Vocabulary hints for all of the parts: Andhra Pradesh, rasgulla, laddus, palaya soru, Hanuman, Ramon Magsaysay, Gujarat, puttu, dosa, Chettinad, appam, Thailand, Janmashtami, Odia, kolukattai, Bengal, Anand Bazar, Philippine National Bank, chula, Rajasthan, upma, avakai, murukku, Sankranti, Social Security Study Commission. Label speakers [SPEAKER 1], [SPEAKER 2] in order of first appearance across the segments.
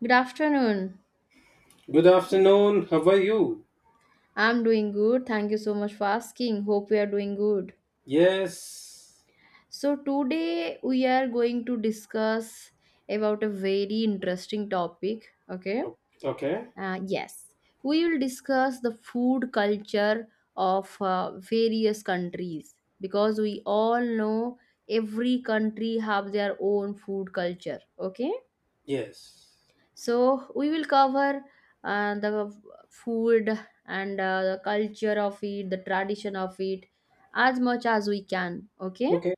[SPEAKER 1] Good afternoon.
[SPEAKER 2] Good afternoon. How are you?
[SPEAKER 1] I'm doing good. Thank you so much for asking. Hope we are doing good.
[SPEAKER 2] Yes.
[SPEAKER 1] So today we are going to discuss about a very interesting topic. Okay.
[SPEAKER 2] O- Okay.
[SPEAKER 1] Uh, yes, we will discuss the food culture of various countries because we all know every country have their own food culture. Okay.
[SPEAKER 2] Yes.
[SPEAKER 1] So we will cover the food and the culture of it, the tradition of it, as much as we can. Okay?
[SPEAKER 2] Okay.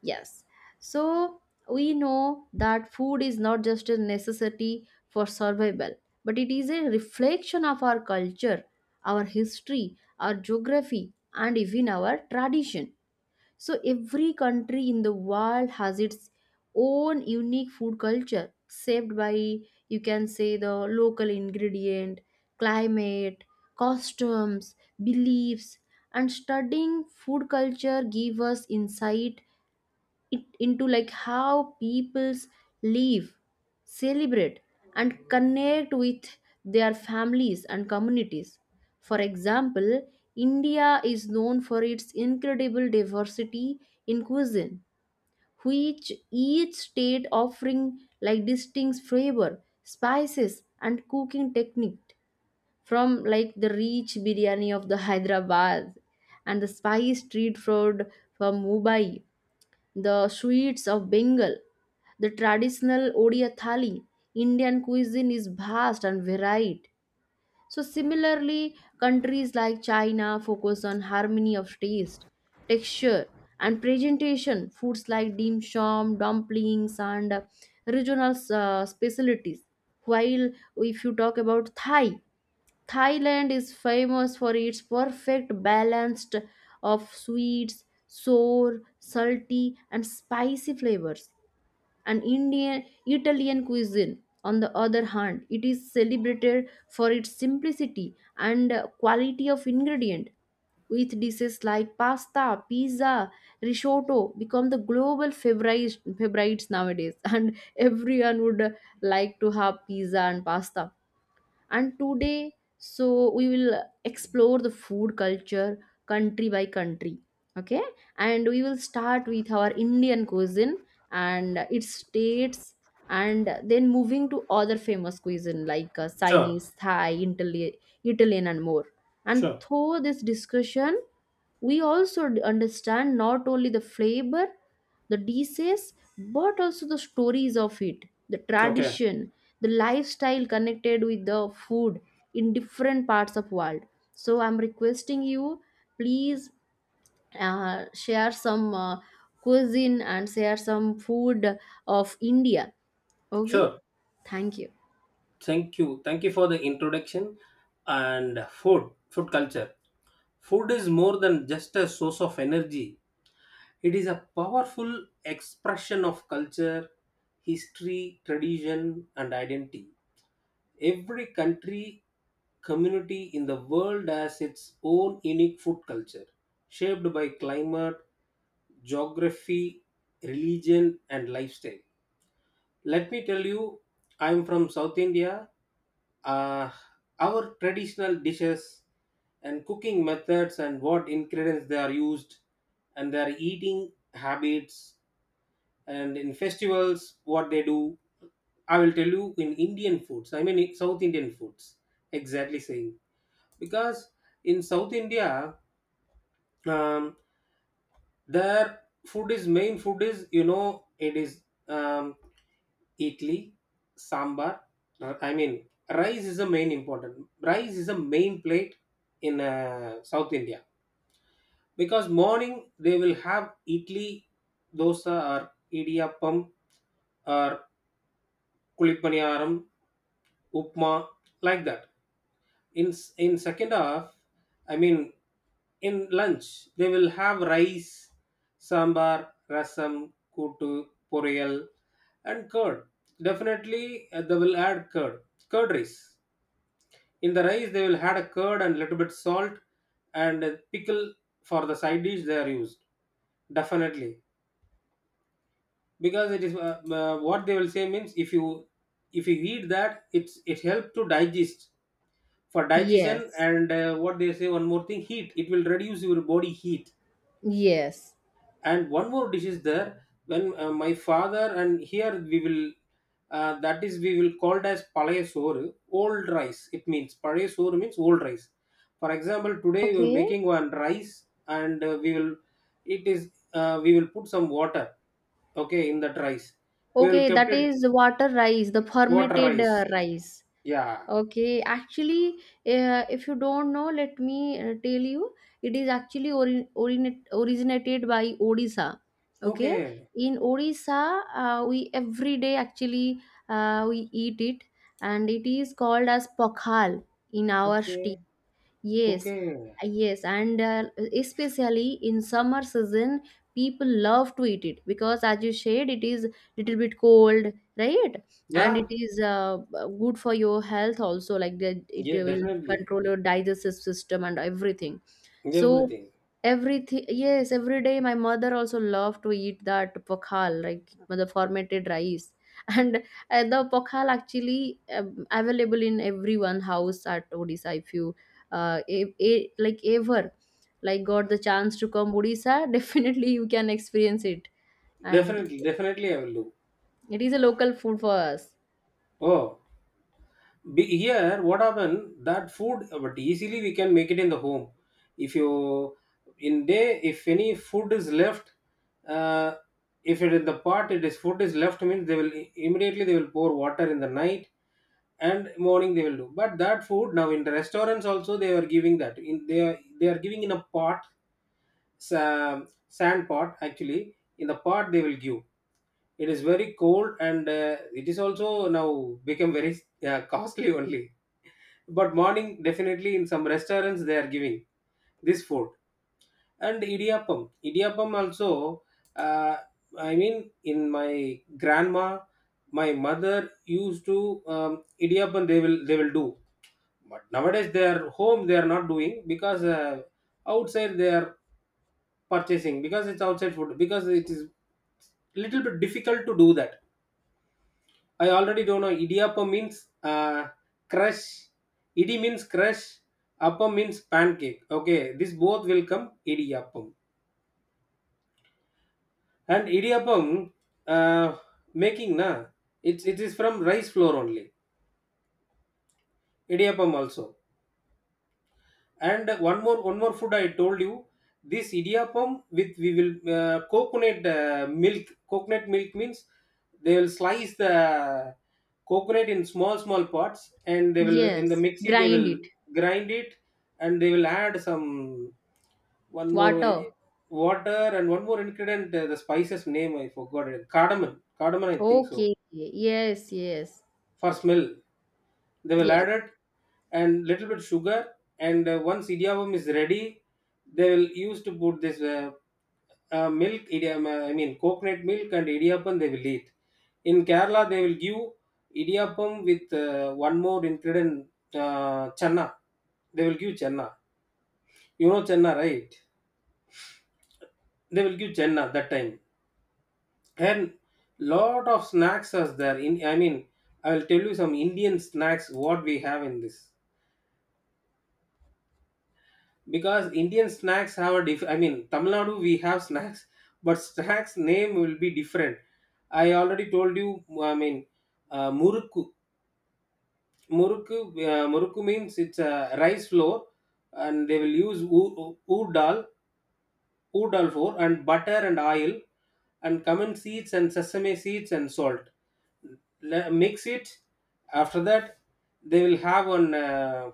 [SPEAKER 1] Yes. So we know that food is not just a necessity for survival, but it is a reflection of our culture, our history, our geography, and even our tradition. So every country in the world has its own unique food culture, shaped by, you can say, the local ingredient, climate, customs, beliefs, and studying food culture give us insight it into like how peoples live, celebrate, and connect with their families and communities. For example, India is known for its incredible diversity in cuisine, which each state offering like distinct flavor, spices, and cooking technique. From like the rich biryani of the Hyderabad and the spicy street food from Mumbai, the sweets of Bengal, the traditional Odia thali. Indian cuisine is vast and varied. So similarly, countries like China focus on harmony of taste, texture, and presentation. Foods like dim sum, dumplings, and regional specialties. While if you talk about Thai, Thailand is famous for its perfect balance of sweets, sour, salty, and spicy flavors. And Indian Italian cuisine, on the other hand, it is celebrated for its simplicity and quality of ingredient. With dishes like pasta, pizza, risotto become the global favorites, favorites nowadays, and everyone would like to have pizza and pasta. And today, so we will explore the food culture country by country. Okay. And we will start with our Indian cuisine and its states, and then moving to other famous cuisine like
[SPEAKER 2] Sure.
[SPEAKER 1] Chinese, Thai, Italian, and more. And
[SPEAKER 2] Sure.
[SPEAKER 1] through this discussion, we also understand not only the flavor, the disease, but also the stories of it, the
[SPEAKER 2] Okay.
[SPEAKER 1] tradition, the lifestyle connected with the food in different parts of world. So I'm requesting you, please, share some cuisine and share some food of India. Okay,
[SPEAKER 2] Sure.
[SPEAKER 1] thank you.
[SPEAKER 2] Thank you. Thank you for the introduction and food culture. Food is more than just a source of energy. It is a powerful expression of culture, history, tradition and identity. Every country community in the world has its own unique food culture, shaped by climate, geography, religion, and lifestyle. Let me tell you, I'm from South India. Uh, our traditional dishes and cooking methods, and what ingredients they are used, and their eating habits, and in festivals, what they do. I will tell you in Indian foods, I mean, in South Indian foods, exactly saying because in south india um, their food is main food is you know it is um, idli sambar I mean rice is the main important rice is the main plate in south india because morning they will have idli dosa or idiyappam or kulipaniyaram upma like that in second half I mean in lunch they will have rice sambar rasam kutu poriyal and curd definitely they will add curd curd rice in the rice they will add a curd and little bit salt and a pickle for the side dish they are used definitely because it is what they will say means if you eat that it's it helps to digest for digestion
[SPEAKER 1] Yes.
[SPEAKER 2] and what they say one more thing heat it will reduce your body heat
[SPEAKER 1] Yes.
[SPEAKER 2] and one more dish is there when my father and here we will that is we will called as palaya soru old rice it means palaya soru means old rice for example today we are
[SPEAKER 1] Okay.
[SPEAKER 2] making one rice and we will it is we will put some water okay in that rice we will
[SPEAKER 1] Okay,
[SPEAKER 2] kept
[SPEAKER 1] that
[SPEAKER 2] it
[SPEAKER 1] is water rice, the
[SPEAKER 2] water
[SPEAKER 1] fermented
[SPEAKER 2] rice
[SPEAKER 1] rice.
[SPEAKER 2] yeah
[SPEAKER 1] Okay, actually, if you don't know, let me tell you, it is actually originated by Odisha. Okay,
[SPEAKER 2] okay
[SPEAKER 1] in Odisha, we every day actually we eat it, and it is called as pokhal in our state.
[SPEAKER 2] okay
[SPEAKER 1] Yes,
[SPEAKER 2] okay
[SPEAKER 1] yes, and especially in summer season, people love to eat it because, as you said, it is little bit cold, right? And it
[SPEAKER 2] yeah
[SPEAKER 1] is good for your health also. Like that, it
[SPEAKER 2] Yeah,
[SPEAKER 1] will
[SPEAKER 2] definitely.
[SPEAKER 1] control your digestive system and everything. So
[SPEAKER 2] Everything.
[SPEAKER 1] everything, yes, every day my mother also loved to eat that pokhal, like the fermented rice. And the pokhal actually available in everyone house at Odisha. If you like ever like got the chance to come Odisha, definitely you can experience it. And
[SPEAKER 2] Definitely,
[SPEAKER 1] yes,
[SPEAKER 2] definitely I will do.
[SPEAKER 1] it is a local food for us.
[SPEAKER 2] Oh, be, here what happened? That food, but easily we can make it in the home. If you in day, if any food is left, uh, if it in the pot, it is food is left means they will immediately they will pour water in the night and morning they will do. But that food now in the restaurants also they are giving that in they are giving in a pot, sa- sand pot actually. In the pot they will give It is very cold and it is also now become very costly only. But morning definitely in some restaurants they are giving this food and idiyappam. Idiyappam also. Uh, I mean, in my grandma, my mother used to idiyappam. They will do. But nowadays they are home. They are not doing because outside they are purchasing because it's outside food because it is little bit difficult to do that I already don't know. Idiyappam means crush. Idi means crush. Appam means pancake. Okay, this both will come idiyappam. And idiyappam uh, making na, it is from rice flour only. Idiyappam also. And one more food I told you this idiyappam with we will coconut milk. Coconut milk means they will slice the coconut in small small parts and they will in the
[SPEAKER 1] Yes,
[SPEAKER 2] mixie they
[SPEAKER 1] grind
[SPEAKER 2] will
[SPEAKER 1] it.
[SPEAKER 2] grind it and they will add some one more
[SPEAKER 1] Water.
[SPEAKER 2] water and one more ingredient the spices name I forgot it cardamom cardamom I think so
[SPEAKER 1] Okay. Yes, yes,
[SPEAKER 2] for smell they will add
[SPEAKER 1] yes,
[SPEAKER 2] it and little bit sugar and once idiyappam is ready they will use to put this milk idiyappam I mean coconut milk and idiyappam they will eat in kerala they will give idiyappam with one more ingredient channa they will give channa you know channa right they will give channa that time and lot of snacks are there in I mean I will tell you some indian snacks what we have in this because Indian snacks have a diff. I mean, Tamil Nadu we have snacks, but snacks name will be different. I already told you. I mean, murukku. Murukku. Murukku means it's a rice flour, and they will use dal, ood dal flour, and butter and oil, and cumin seeds and sesame seeds and salt. Mix it. After that, they will have one.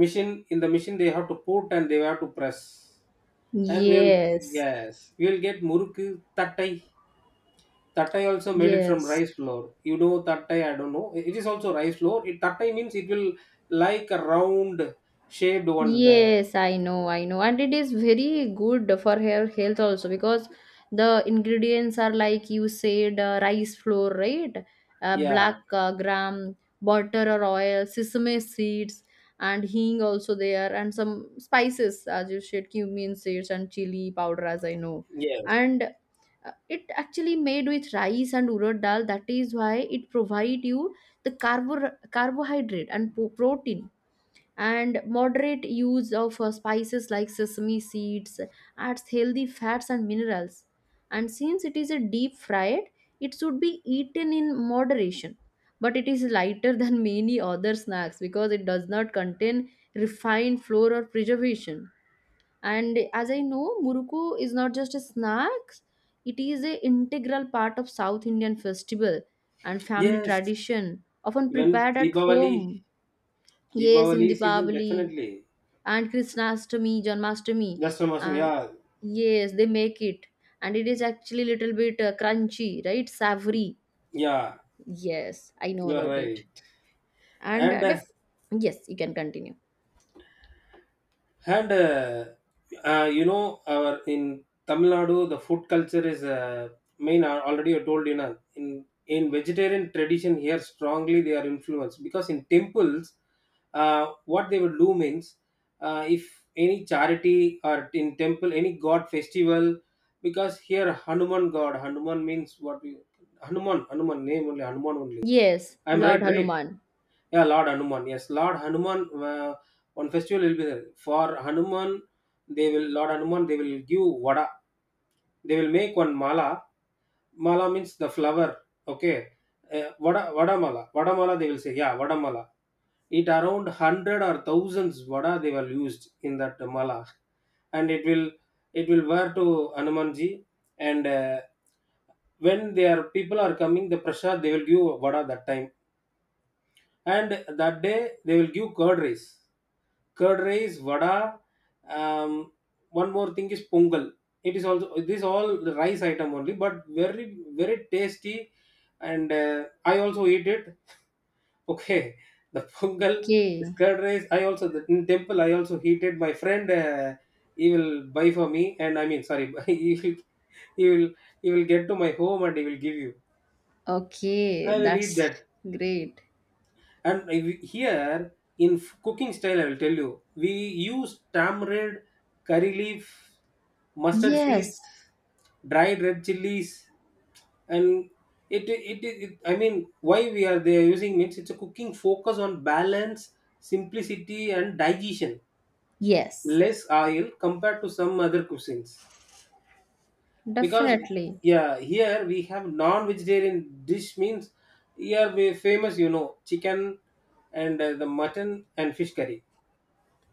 [SPEAKER 2] Machine in the machine they have to put and they have to press and we will
[SPEAKER 1] yes.
[SPEAKER 2] yes we will get muruku tattai tattai also made it from
[SPEAKER 1] Yes,
[SPEAKER 2] rice flour you know tattai I don't know it is also rice flour it tattai means it will like a round shaped one the,
[SPEAKER 1] yes, I know, and it is very good for her health also because the ingredients are like you said, rice flour, right?
[SPEAKER 2] yeah
[SPEAKER 1] Black gram, butter or oil, sesame seeds, and hing also there, and some spices as you said, cumin seeds and chili powder, as I know,
[SPEAKER 2] yes
[SPEAKER 1] and it actually made with rice and urad dal. That is why it provide you the carbohydrate and protein, and moderate use of spices like sesame seeds adds healthy fats and minerals. And since it is a deep fried, it should be eaten in moderation, but it is lighter than many other snacks because it does not contain refined flour or preservation. And as I know, muruku is not just a snack, it is an integral part of South Indian festival and family
[SPEAKER 2] yes
[SPEAKER 1] tradition, often
[SPEAKER 2] when
[SPEAKER 1] prepared at
[SPEAKER 2] deepavali
[SPEAKER 1] home. Yes, in
[SPEAKER 2] deepavali season
[SPEAKER 1] Deepavali
[SPEAKER 2] definitely
[SPEAKER 1] and Krishnastami, Janmashtami.
[SPEAKER 2] just from us,
[SPEAKER 1] Uh,
[SPEAKER 2] yeah
[SPEAKER 1] yes, they make it, and it is actually little bit crunchy, right? Savory.
[SPEAKER 2] yeah
[SPEAKER 1] Yes, I know
[SPEAKER 2] you're
[SPEAKER 1] about
[SPEAKER 2] right
[SPEAKER 1] it. And
[SPEAKER 2] and uh,
[SPEAKER 1] yes, you can continue.
[SPEAKER 2] and you know our in Tamil Nadu the food culture is main I already I told you know in vegetarian tradition here strongly they are influenced because in temples what they would do means if any charity or in temple any god festival because here Hanuman god Hanuman means what we Hanuman Hanuman name only Hanuman only
[SPEAKER 1] Yes,
[SPEAKER 2] I'm right
[SPEAKER 1] Lord
[SPEAKER 2] right
[SPEAKER 1] Hanuman.
[SPEAKER 2] yeah, Lord Hanuman. Yes, Lord Hanuman. On festival will be there for Hanuman. They will Lord Hanuman. They will give vada. They will make one mala. Mala means the flower. Okay, vada vada mala. Vada mala. They will say yeah vada mala. It around hundred or thousands vada they will used in that mala, and it will wear to Hanumanji and. When their people are coming the prasad they will give vada that time and that day they will give curd rice, vada. Um, one more thing is pongal. It is also this all the rice item only, but very very tasty, and I also eat it. Okay, the pongal, this
[SPEAKER 1] Okay,
[SPEAKER 2] curd rice. I also the, in temple. I also heat it. My friend, he will buy for me, and I mean sorry, he will he will get to my home and he will give you.
[SPEAKER 1] okay,
[SPEAKER 2] I will eat
[SPEAKER 1] that's
[SPEAKER 2] that.
[SPEAKER 1] great.
[SPEAKER 2] And here in cooking style, I will tell you, we use tamarind, curry leaf, mustard seeds,
[SPEAKER 1] Yes,
[SPEAKER 2] dried red chilies, and it, it, I mean, why we are there using means it's a cooking focus on balance, simplicity, and digestion.
[SPEAKER 1] yes,
[SPEAKER 2] Less oil compared to some other cuisines because
[SPEAKER 1] definitely.
[SPEAKER 2] yeah, here we have non-vegetarian dish means here we famous you know chicken and the mutton and fish curry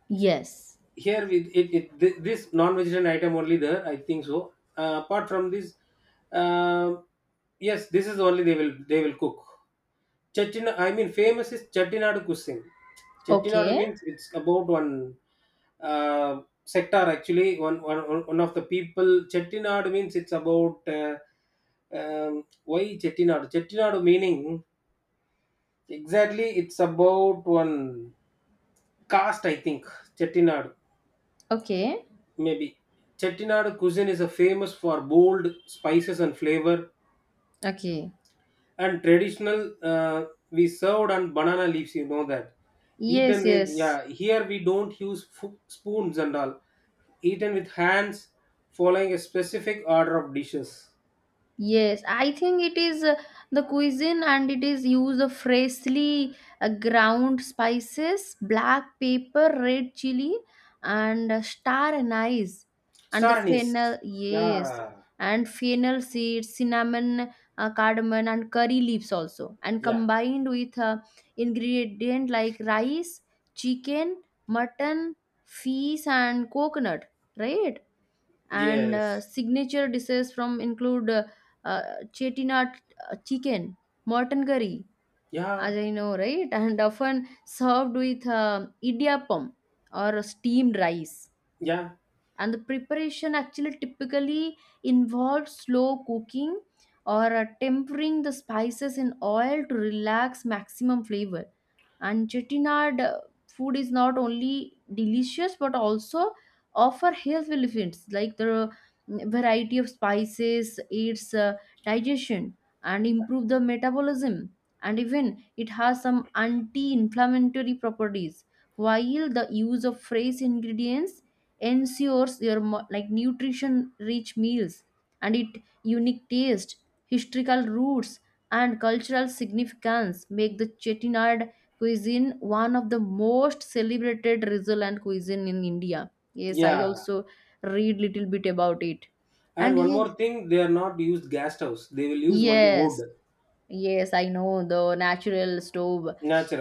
[SPEAKER 1] Yes.
[SPEAKER 2] here with it, it this non-vegetarian item only there I think so apart from this uh, yes this is only they will cook chettina I mean famous is chettinad cuisine chettinad
[SPEAKER 1] Okay,
[SPEAKER 2] means it's about one sector actually one of the people chettinad means it's about um, why chettinad chettinad meaning exactly it's about one caste I think chettinad
[SPEAKER 1] okay,
[SPEAKER 2] Maybe. Chettinad cuisine is a famous for bold spices and flavor,
[SPEAKER 1] okay.
[SPEAKER 2] and traditional we served on banana leaves. You know that.
[SPEAKER 1] Yes,
[SPEAKER 2] Eaten with
[SPEAKER 1] yes.
[SPEAKER 2] yeah. Here we don't use spoons and all. Eaten with hands, following a specific order of dishes.
[SPEAKER 1] Yes, I think it is the cuisine and it is use of freshly ground spices, black pepper, red chili, and star anise, and the
[SPEAKER 2] Star anise.
[SPEAKER 1] fennel, yes,
[SPEAKER 2] Yeah.
[SPEAKER 1] and fennel seeds, cinnamon, cardamom, and curry leaves also, and
[SPEAKER 2] Yeah.
[SPEAKER 1] combined with ingredient like rice, chicken, mutton, fish, and coconut, right? And
[SPEAKER 2] Yes.
[SPEAKER 1] signature dishes from include uh, chettinad chicken, mutton curry,
[SPEAKER 2] Yeah.
[SPEAKER 1] as I know, right? And often served with idiyappam or steamed rice.
[SPEAKER 2] Yeah.
[SPEAKER 1] And the preparation actually typically involves slow cooking or tempering the spices in oil to relax maximum flavor. And chettinad food is not only delicious but also offer health benefits like the variety of spices aids digestion and improve the metabolism, and even it has some anti-inflammatory properties, while the use of fresh ingredients ensures your like nutrition rich meals. And it unique taste, historical roots, and cultural significance make the chettinad cuisine one of the most celebrated Rizaland cuisine in India. Yes, I
[SPEAKER 2] Yeah.
[SPEAKER 1] also read little bit about it.
[SPEAKER 2] And
[SPEAKER 1] And
[SPEAKER 2] one
[SPEAKER 1] yes,
[SPEAKER 2] more thing, they are not used gas stoves. They will use only wood,
[SPEAKER 1] yes, yes, I know the natural stove,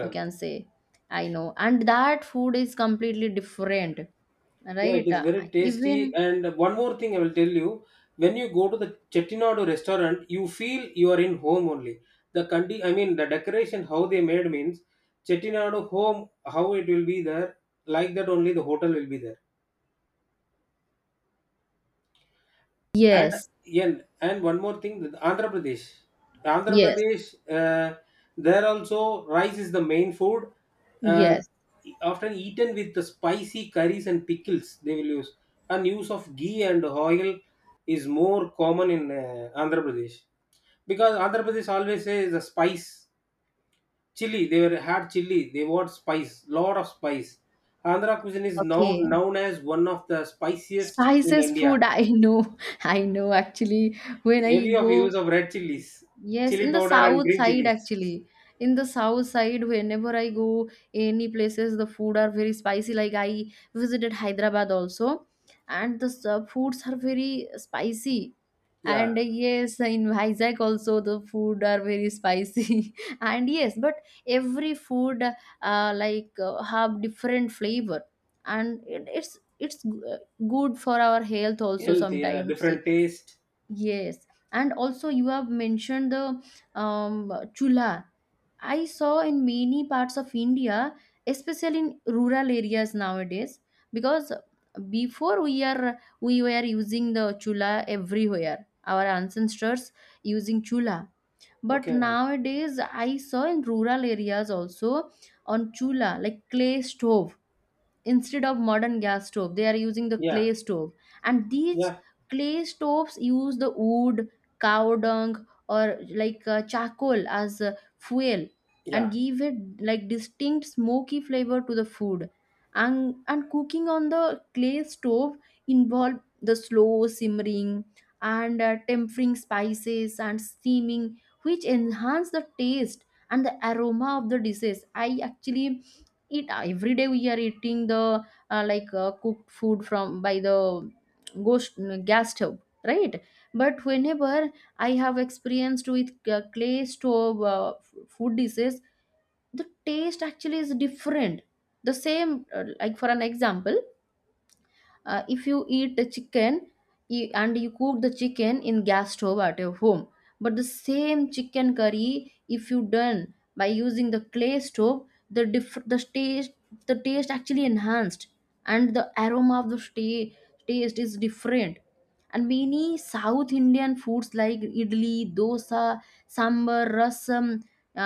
[SPEAKER 1] you can say. I know. And that food is completely different,
[SPEAKER 2] Yeah, it
[SPEAKER 1] right?
[SPEAKER 2] is very tasty.
[SPEAKER 1] Even.
[SPEAKER 2] And one more thing I will tell you, when you go to the Chettinadu restaurant, you feel you are in home only. The condi I mean the decoration how they made means Chettinadu home how it will be there like that only the hotel will be there. And
[SPEAKER 1] Yes,
[SPEAKER 2] yen and one more thing, that Andhra Pradesh. Andhra
[SPEAKER 1] yes,
[SPEAKER 2] Pradesh, there also rice is the main food. Uh,
[SPEAKER 1] yes.
[SPEAKER 2] often eaten with the spicy curries and pickles they will use. And use of ghee and oil is more common in Andhra Pradesh because Andhra Pradesh always says the spice chili. They were had chili. They want spice, lot of spice. Andhra cuisine is now
[SPEAKER 1] Okay.
[SPEAKER 2] known as one of the spiciest in
[SPEAKER 1] Spices food,
[SPEAKER 2] India
[SPEAKER 1] I know. I know actually. When I
[SPEAKER 2] Heavy of use
[SPEAKER 1] go.
[SPEAKER 2] of red chilies,
[SPEAKER 1] Yes,
[SPEAKER 2] chili
[SPEAKER 1] in the
[SPEAKER 2] powder and
[SPEAKER 1] south
[SPEAKER 2] green
[SPEAKER 1] side
[SPEAKER 2] chilies.
[SPEAKER 1] actually. In the south side, whenever I go any places, the food are very spicy. Like I visited Hyderabad also, and the foods are very spicy.
[SPEAKER 2] Yeah.
[SPEAKER 1] And yes, in Vizag also the food are very spicy. And yes, but every food like have different flavor, and it's good for our health also
[SPEAKER 2] Healthy,
[SPEAKER 1] sometimes.
[SPEAKER 2] different taste.
[SPEAKER 1] Yes, and also you have mentioned the chula. I saw in many parts of India, especially in rural areas nowadays, because before we were using the chula everywhere. Our ancestors using chula, but
[SPEAKER 2] Okay.
[SPEAKER 1] nowadays I saw in rural areas also on chula like clay stove, instead of modern gas stove they are using the
[SPEAKER 2] Yeah.
[SPEAKER 1] clay stove. And these
[SPEAKER 2] Yeah.
[SPEAKER 1] clay stoves use the wood, cow dung, or like charcoal as fuel, and
[SPEAKER 2] Yeah.
[SPEAKER 1] give it like distinct smoky flavor to the food. And cooking on the clay stove involve the slow simmering and tempering spices and steaming, which enhance the taste and the aroma of the dishes. I actually eat every day we are eating the like cooked food from by the ghost gas stove, right? But whenever I have experienced with clay stove food dishes, the taste actually is different. The same like for an example, if you eat a chicken you, and you cook the chicken in gas stove at your home, but the same chicken curry if you done by using the clay stove, the taste, the taste actually enhanced, and the aroma of taste is different. And many South Indian foods like idli, dosa, sambar, rasam,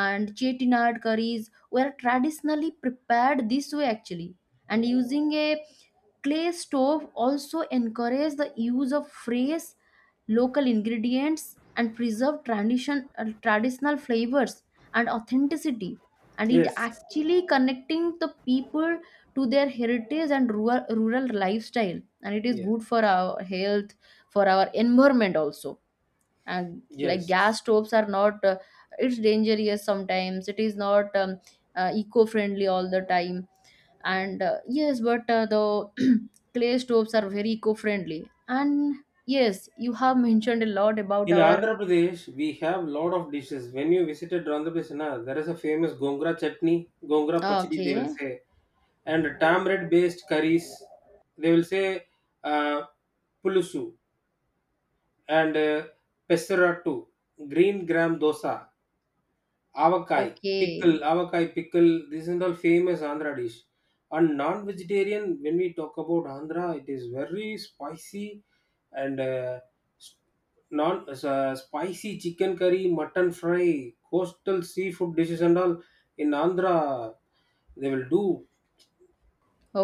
[SPEAKER 1] and chettinad curries were traditionally prepared this way actually. And using a clay stove also encourage the use of fresh local ingredients and preserve tradition, traditional flavors and authenticity, and it
[SPEAKER 2] Yes.
[SPEAKER 1] actually connecting the people to their heritage and rural lifestyle, and it is good
[SPEAKER 2] Yes.
[SPEAKER 1] for our health, for our environment also. And like
[SPEAKER 2] Yes.
[SPEAKER 1] gas stoves are not it's dangerous sometimes, it is not eco-friendly all the time. And yes, but the clay stoves are very eco-friendly. And yes, you have mentioned a lot about
[SPEAKER 2] In
[SPEAKER 1] our.
[SPEAKER 2] Andhra Pradesh, we have lot of dishes. When you visited Andhra Pradesh, na, there is a famous gongra chutney, gongra pachdi, they will
[SPEAKER 1] Okay,
[SPEAKER 2] say, and tamarind based curries. They will say uh, pulusu and pesaratu, green gram dosa. Avakai,
[SPEAKER 1] okay,
[SPEAKER 2] avakai, pickle, This is all famous Andhra dish. And non-vegetarian, when we talk about Andhra, it is very spicy and s- non spicy chicken curry, mutton fry, coastal seafood dishes and all in Andhra. They will do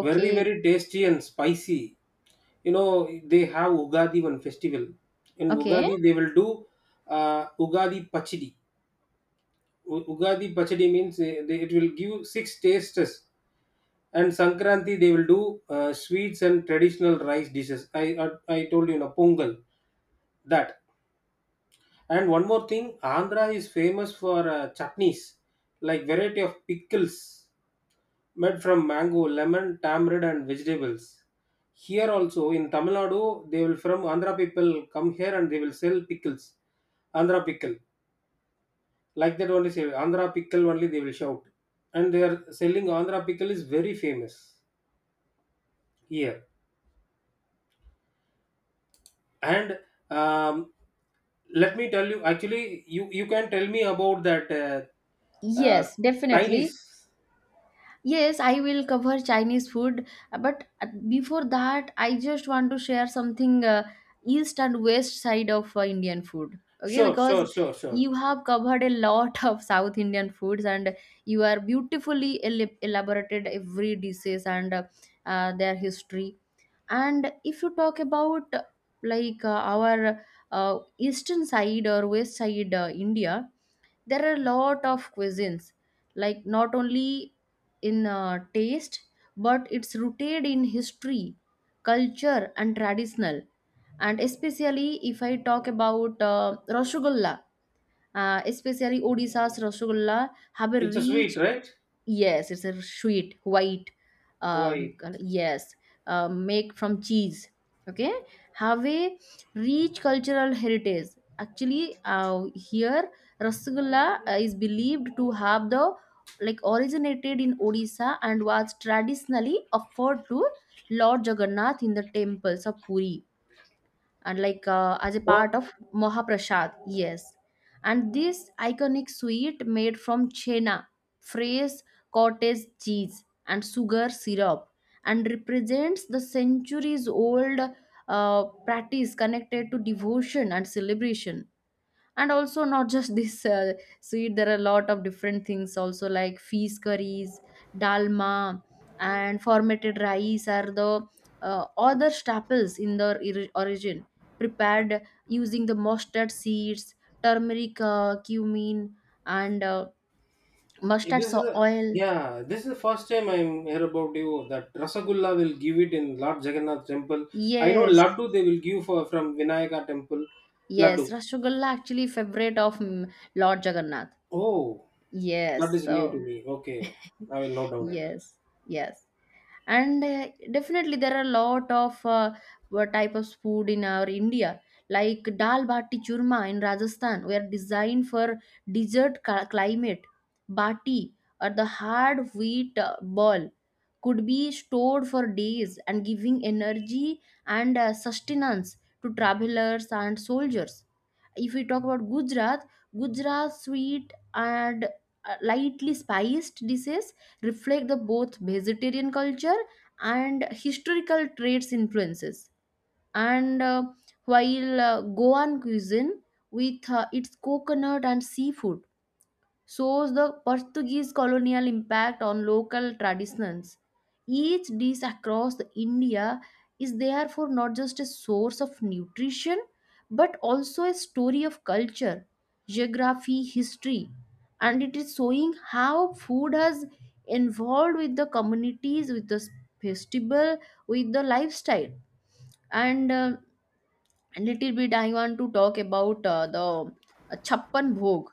[SPEAKER 2] very, very tasty and spicy. You know, they have Ugadi one festival. In
[SPEAKER 1] okay.
[SPEAKER 2] Ugadi, they will do Ugadi Pachidi. Ugadi Pachadi means they, it will give six tastes, and Sankranti they will do sweets and traditional rice dishes. I told you na pongal that. And one more thing, Andhra is famous for chutneys, like variety of pickles made from mango, lemon, tamarind, and vegetables. Here also in Tamil Nadu, they will from Andhra people come here and they will sell pickles, Andhra pickle like that only say andhra pickle only they will shout and they are selling andhra pickle is very famous here and um, let me tell you actually you can tell me about that uh,
[SPEAKER 1] Yes,
[SPEAKER 2] chinese
[SPEAKER 1] definitely. Yes, I will cover Chinese food, but before that, I just want to share something east and west side of Indian food. Okay,
[SPEAKER 2] sure
[SPEAKER 1] because
[SPEAKER 2] sure sure sure
[SPEAKER 1] you have covered a lot of South Indian foods, and you are beautifully elaborated every dishes and their history. And if you talk about like our eastern side or west side India, there are a lot of cuisines like not only in taste but it's rooted in history, culture, and traditional. And especially if I talk about rasgulla, especially Odisha's rasgulla have a
[SPEAKER 2] it's a sweet
[SPEAKER 1] rich.
[SPEAKER 2] right
[SPEAKER 1] Yes, it's a sweet white.
[SPEAKER 2] why
[SPEAKER 1] Yes, make from cheese. Okay, have a rich cultural heritage. Actually, here rasgulla is believed to have the like originated in Odisha and was traditionally offered to Lord Jagannath in the temples of Puri and like as a
[SPEAKER 2] oh
[SPEAKER 1] part of Mahaprasad, yes. And this iconic sweet made from chena, fresh cottage cheese, and sugar syrup, and represents the centuries old practice connected to devotion and celebration, and also not just this sweet. There are a lot of different things also, like fees curries, dalma, and formatted rice are the other staples in their origin, prepared using the mustard seeds, turmeric, cumin, and mustard
[SPEAKER 2] this is a,
[SPEAKER 1] oil.
[SPEAKER 2] yeah this is the first time I'm hear about you that rasagulla will give it in lord jagannath temple I know
[SPEAKER 1] Yes,
[SPEAKER 2] laddu they will give for from vinayaka temple laddu
[SPEAKER 1] yes, rasgulla actually favorite of Lord Jagannath.
[SPEAKER 2] oh
[SPEAKER 1] Yes,
[SPEAKER 2] That is
[SPEAKER 1] so
[SPEAKER 2] new to me. Okay. I will note down it.
[SPEAKER 1] yes, yes. And definitely there are a lot of what type of food in our India, like dal bati churma in Rajasthan were designed for desert climate. Bati, or the hard wheat ball, could be stored for days and giving energy and sustenance to travelers and soldiers. If we talk about Gujarat, Gujarat sweet and lightly spiced dishes reflect the both vegetarian culture and historical traits influences. And While Goan cuisine with its coconut and seafood shows the Portuguese colonial impact on local traditions. Each dish across the India is therefore not just a source of nutrition but also a story of culture, geography, history, and it is showing how food has involved with the communities, with the festival, with the lifestyle. And A little bit, I want to talk about the Chappan Bhog.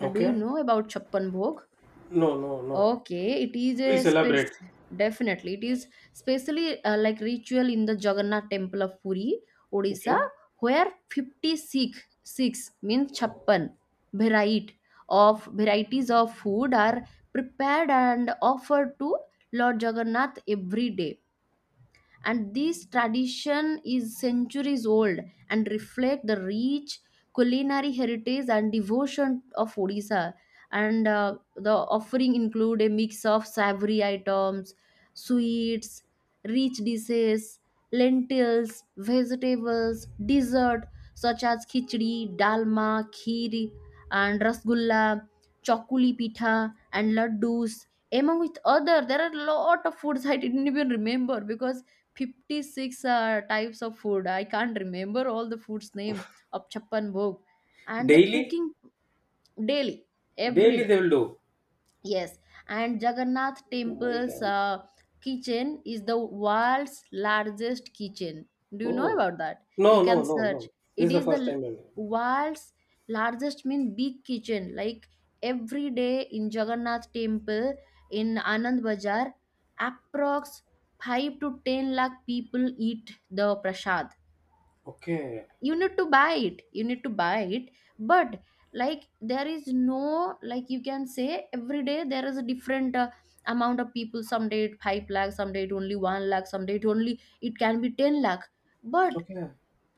[SPEAKER 1] Do you
[SPEAKER 2] Okay.
[SPEAKER 1] know about Chappan Bhog?
[SPEAKER 2] No, no, no.
[SPEAKER 1] Okay, it is a
[SPEAKER 2] Please
[SPEAKER 1] space
[SPEAKER 2] elaborate.
[SPEAKER 1] definitely. It is specially like ritual in the Jagannath Temple of Puri, Odisha,
[SPEAKER 2] Okay.
[SPEAKER 1] where 56 six means 56 variety of varieties of food are prepared and offered to Lord Jagannath every day, and this tradition is centuries old and reflect the rich culinary heritage and devotion of Odisha. And the offering include a mix of savory items, sweets, rich dishes, lentils, vegetables, dessert, such as khichdi, dalma, kheer, and rasgulla, chokuli pitha, and laddus. Among with other, there are a lot of foods I didn't even remember because 56 types of food. I can't remember all the food's name of Chappan Bhog and the
[SPEAKER 2] Daily?
[SPEAKER 1] cooking daily, every
[SPEAKER 2] Daily
[SPEAKER 1] day.
[SPEAKER 2] they will do.
[SPEAKER 1] Yes, and Jagannath
[SPEAKER 2] Oh my
[SPEAKER 1] Temple's
[SPEAKER 2] God.
[SPEAKER 1] kitchen is the world's largest kitchen. Do you know
[SPEAKER 2] Oh.
[SPEAKER 1] about that? You
[SPEAKER 2] No, no,
[SPEAKER 1] can
[SPEAKER 2] no, no.
[SPEAKER 1] search.
[SPEAKER 2] This
[SPEAKER 1] It
[SPEAKER 2] is the
[SPEAKER 1] is the
[SPEAKER 2] first time. I'm
[SPEAKER 1] world's largest mean big kitchen. Like every day in Jagannath Temple in Anand Bazar, approx 5 to 10 lakh people eat the prasad.
[SPEAKER 2] Okay.
[SPEAKER 1] You need to buy it, you need to buy it, but like there is no, like you can say every day there is a different amount of people. Someday it 5 lakh, someday it only 1 lakh, someday it only it can be 10 lakh, but
[SPEAKER 2] Okay.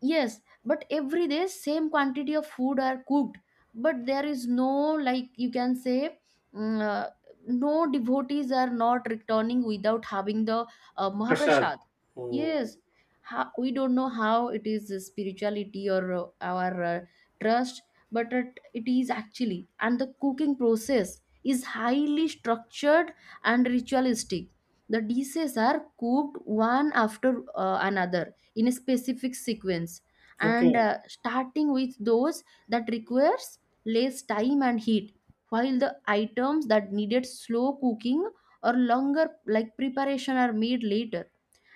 [SPEAKER 1] yes, but every day same quantity of food are cooked, but there is no, like you can say mm, uh, no, devotees are not returning without having the
[SPEAKER 2] Prashad.
[SPEAKER 1] Mahaprasad.
[SPEAKER 2] Oh.
[SPEAKER 1] Yes, how, we don't know how it is spirituality or our trust, but it is actually. And the cooking process is highly structured and ritualistic. The dishes are cooked one after another in a specific sequence, and
[SPEAKER 2] Okay.
[SPEAKER 1] starting with those that requires less time and heat, while the items that needed slow cooking or longer like preparation are made later.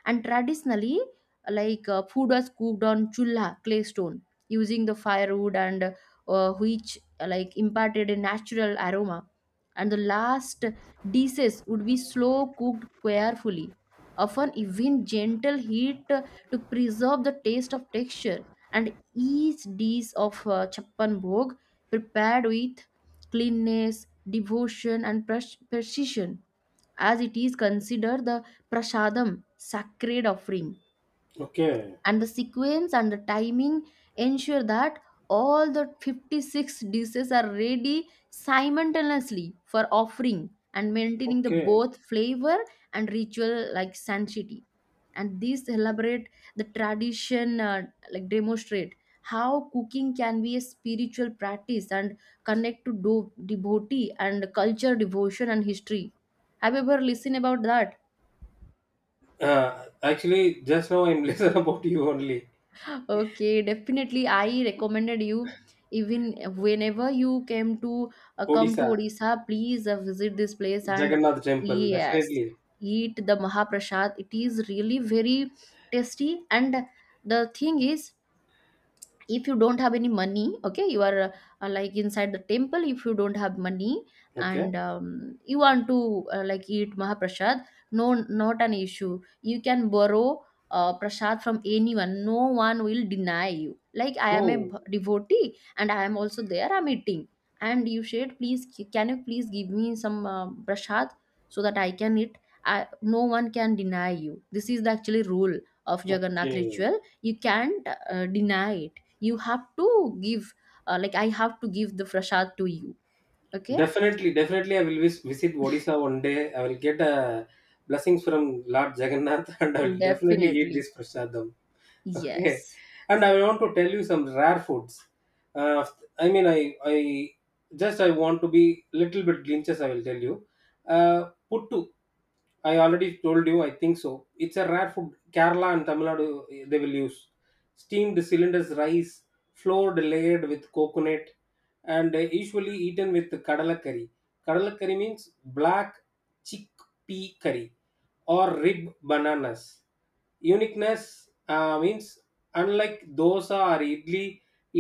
[SPEAKER 1] And traditionally, like food was cooked on chulla clay stone using the firewood and which like imparted a natural aroma, and the last dishes would be slow cooked carefully, often even gentle heat, to preserve the taste of texture. And each dish of chappan bhog prepared with cleanness, devotion, and precision, as it is considered the prasadam, sacred offering,
[SPEAKER 2] Okay.
[SPEAKER 1] and the sequence and the timing ensure that all the 56 dishes are ready simultaneously for offering and maintaining the
[SPEAKER 2] Okay.
[SPEAKER 1] both flavor and ritual like sanctity. And these elaborate the tradition like demonstrate how cooking can be a spiritual practice and connect to devotee and culture, devotion and history. Have you ever listened about that?
[SPEAKER 2] Actually, just now I'm listening about you only.
[SPEAKER 1] Okay, definitely. I recommended you, even whenever you came to come to
[SPEAKER 2] Odisha.
[SPEAKER 1] Odisha, please visit this place and
[SPEAKER 2] Jagannath temple.
[SPEAKER 1] yes,
[SPEAKER 2] Definitely.
[SPEAKER 1] eat the Mahaprasad. It is really very tasty. And the thing is, if you don't have any money, okay, you are like inside the temple, if you don't have money
[SPEAKER 2] Okay.
[SPEAKER 1] and you want to like eat mahaprasad, no, not an issue, you can borrow prasad from anyone, no one will deny you. Like I am a
[SPEAKER 2] Oh.
[SPEAKER 1] devotee and I am also there, I'm eating, and you said please, can you please give me some prasad so that I can eat. I, no one can deny you, this is the actually rule of Jagannath
[SPEAKER 2] Okay.
[SPEAKER 1] ritual. You can't deny, you have to give like I have to give the prasad to you. Okay,
[SPEAKER 2] Definitely, definitely, I will visit Odisha one day. I will get blessings from Lord Jagannath, and I will definitely eat
[SPEAKER 1] definitely,
[SPEAKER 2] this prasadam. Okay,
[SPEAKER 1] yes.
[SPEAKER 2] and I want to tell you some rare foods. Uh, I mean, I just I want to be little bit glimpses. I will tell you. Puttu, I already told you. I think so. It's a rare food. Kerala and Tamil Nadu they will use steamed cylinders rice, floored layered with coconut, and usually eaten with kadala curry. Kadala curry means black chickpea curry or rib bananas uniqueness means unlike dosa or idli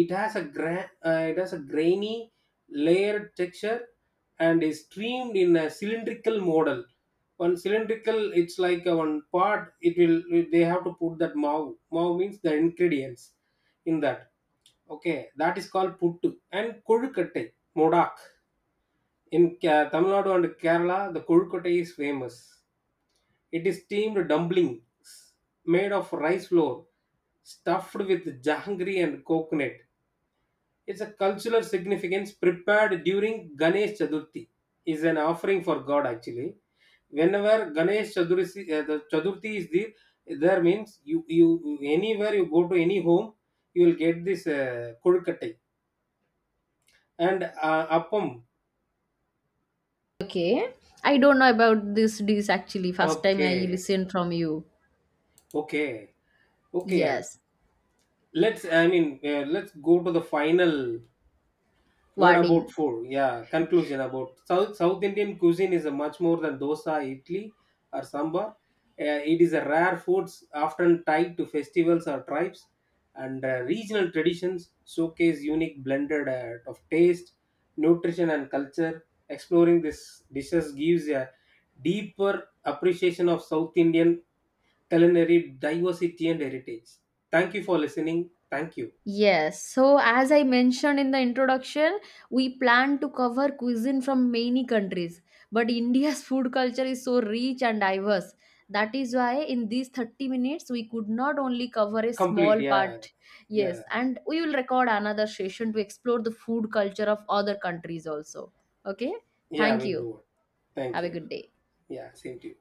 [SPEAKER 2] it has a it has a grainy layered texture and is streamed in a cylindrical model one cylindrical it's like a one part it will they have to put that mau mau means the ingredients in that okay that is called puttu and kolukattai modak in tamil nadu and kerala the kolukattai is famous it is steamed dumplings made of rice flour stuffed with jahangry and coconut. It's a cultural significance prepared during Ganesh Chaturthi. Is an offering for God actually. Whenever Ganesh Chaturthi, the Chaturthi is there, there means you anywhere you go to any home, you will get this kodukattai and appam.
[SPEAKER 1] Okay, I don't know about this dish, actually first time I
[SPEAKER 2] Okay,
[SPEAKER 1] listened from you.
[SPEAKER 2] okay, okay.
[SPEAKER 1] Yes,
[SPEAKER 2] Let's I mean let's go to the final What about
[SPEAKER 1] wedding.
[SPEAKER 2] food? Yeah, conclusion about South Indian cuisine is a much more than dosa, idli, or sambar. It is a rare foods often tied to festivals or tribes, and regional traditions showcase unique blended of taste, nutrition, and culture. Exploring this dishes gives a deeper appreciation of South Indian culinary diversity and heritage. Thank you for listening. Thank you.
[SPEAKER 1] Yes, so as I mentioned in the introduction, we plan to cover cuisine from many countries, but India's food culture is so rich and diverse. That is why in these 30 minutes we could not only cover a
[SPEAKER 2] Complete.
[SPEAKER 1] small
[SPEAKER 2] Yeah,
[SPEAKER 1] part.
[SPEAKER 2] yeah,
[SPEAKER 1] Yes, and we will record another session to explore the food culture of other countries also. Okay?
[SPEAKER 2] yeah.
[SPEAKER 1] Thank
[SPEAKER 2] We'll
[SPEAKER 1] you.
[SPEAKER 2] do it. Thank
[SPEAKER 1] Have a
[SPEAKER 2] you.
[SPEAKER 1] good day.
[SPEAKER 2] Yeah, same to you.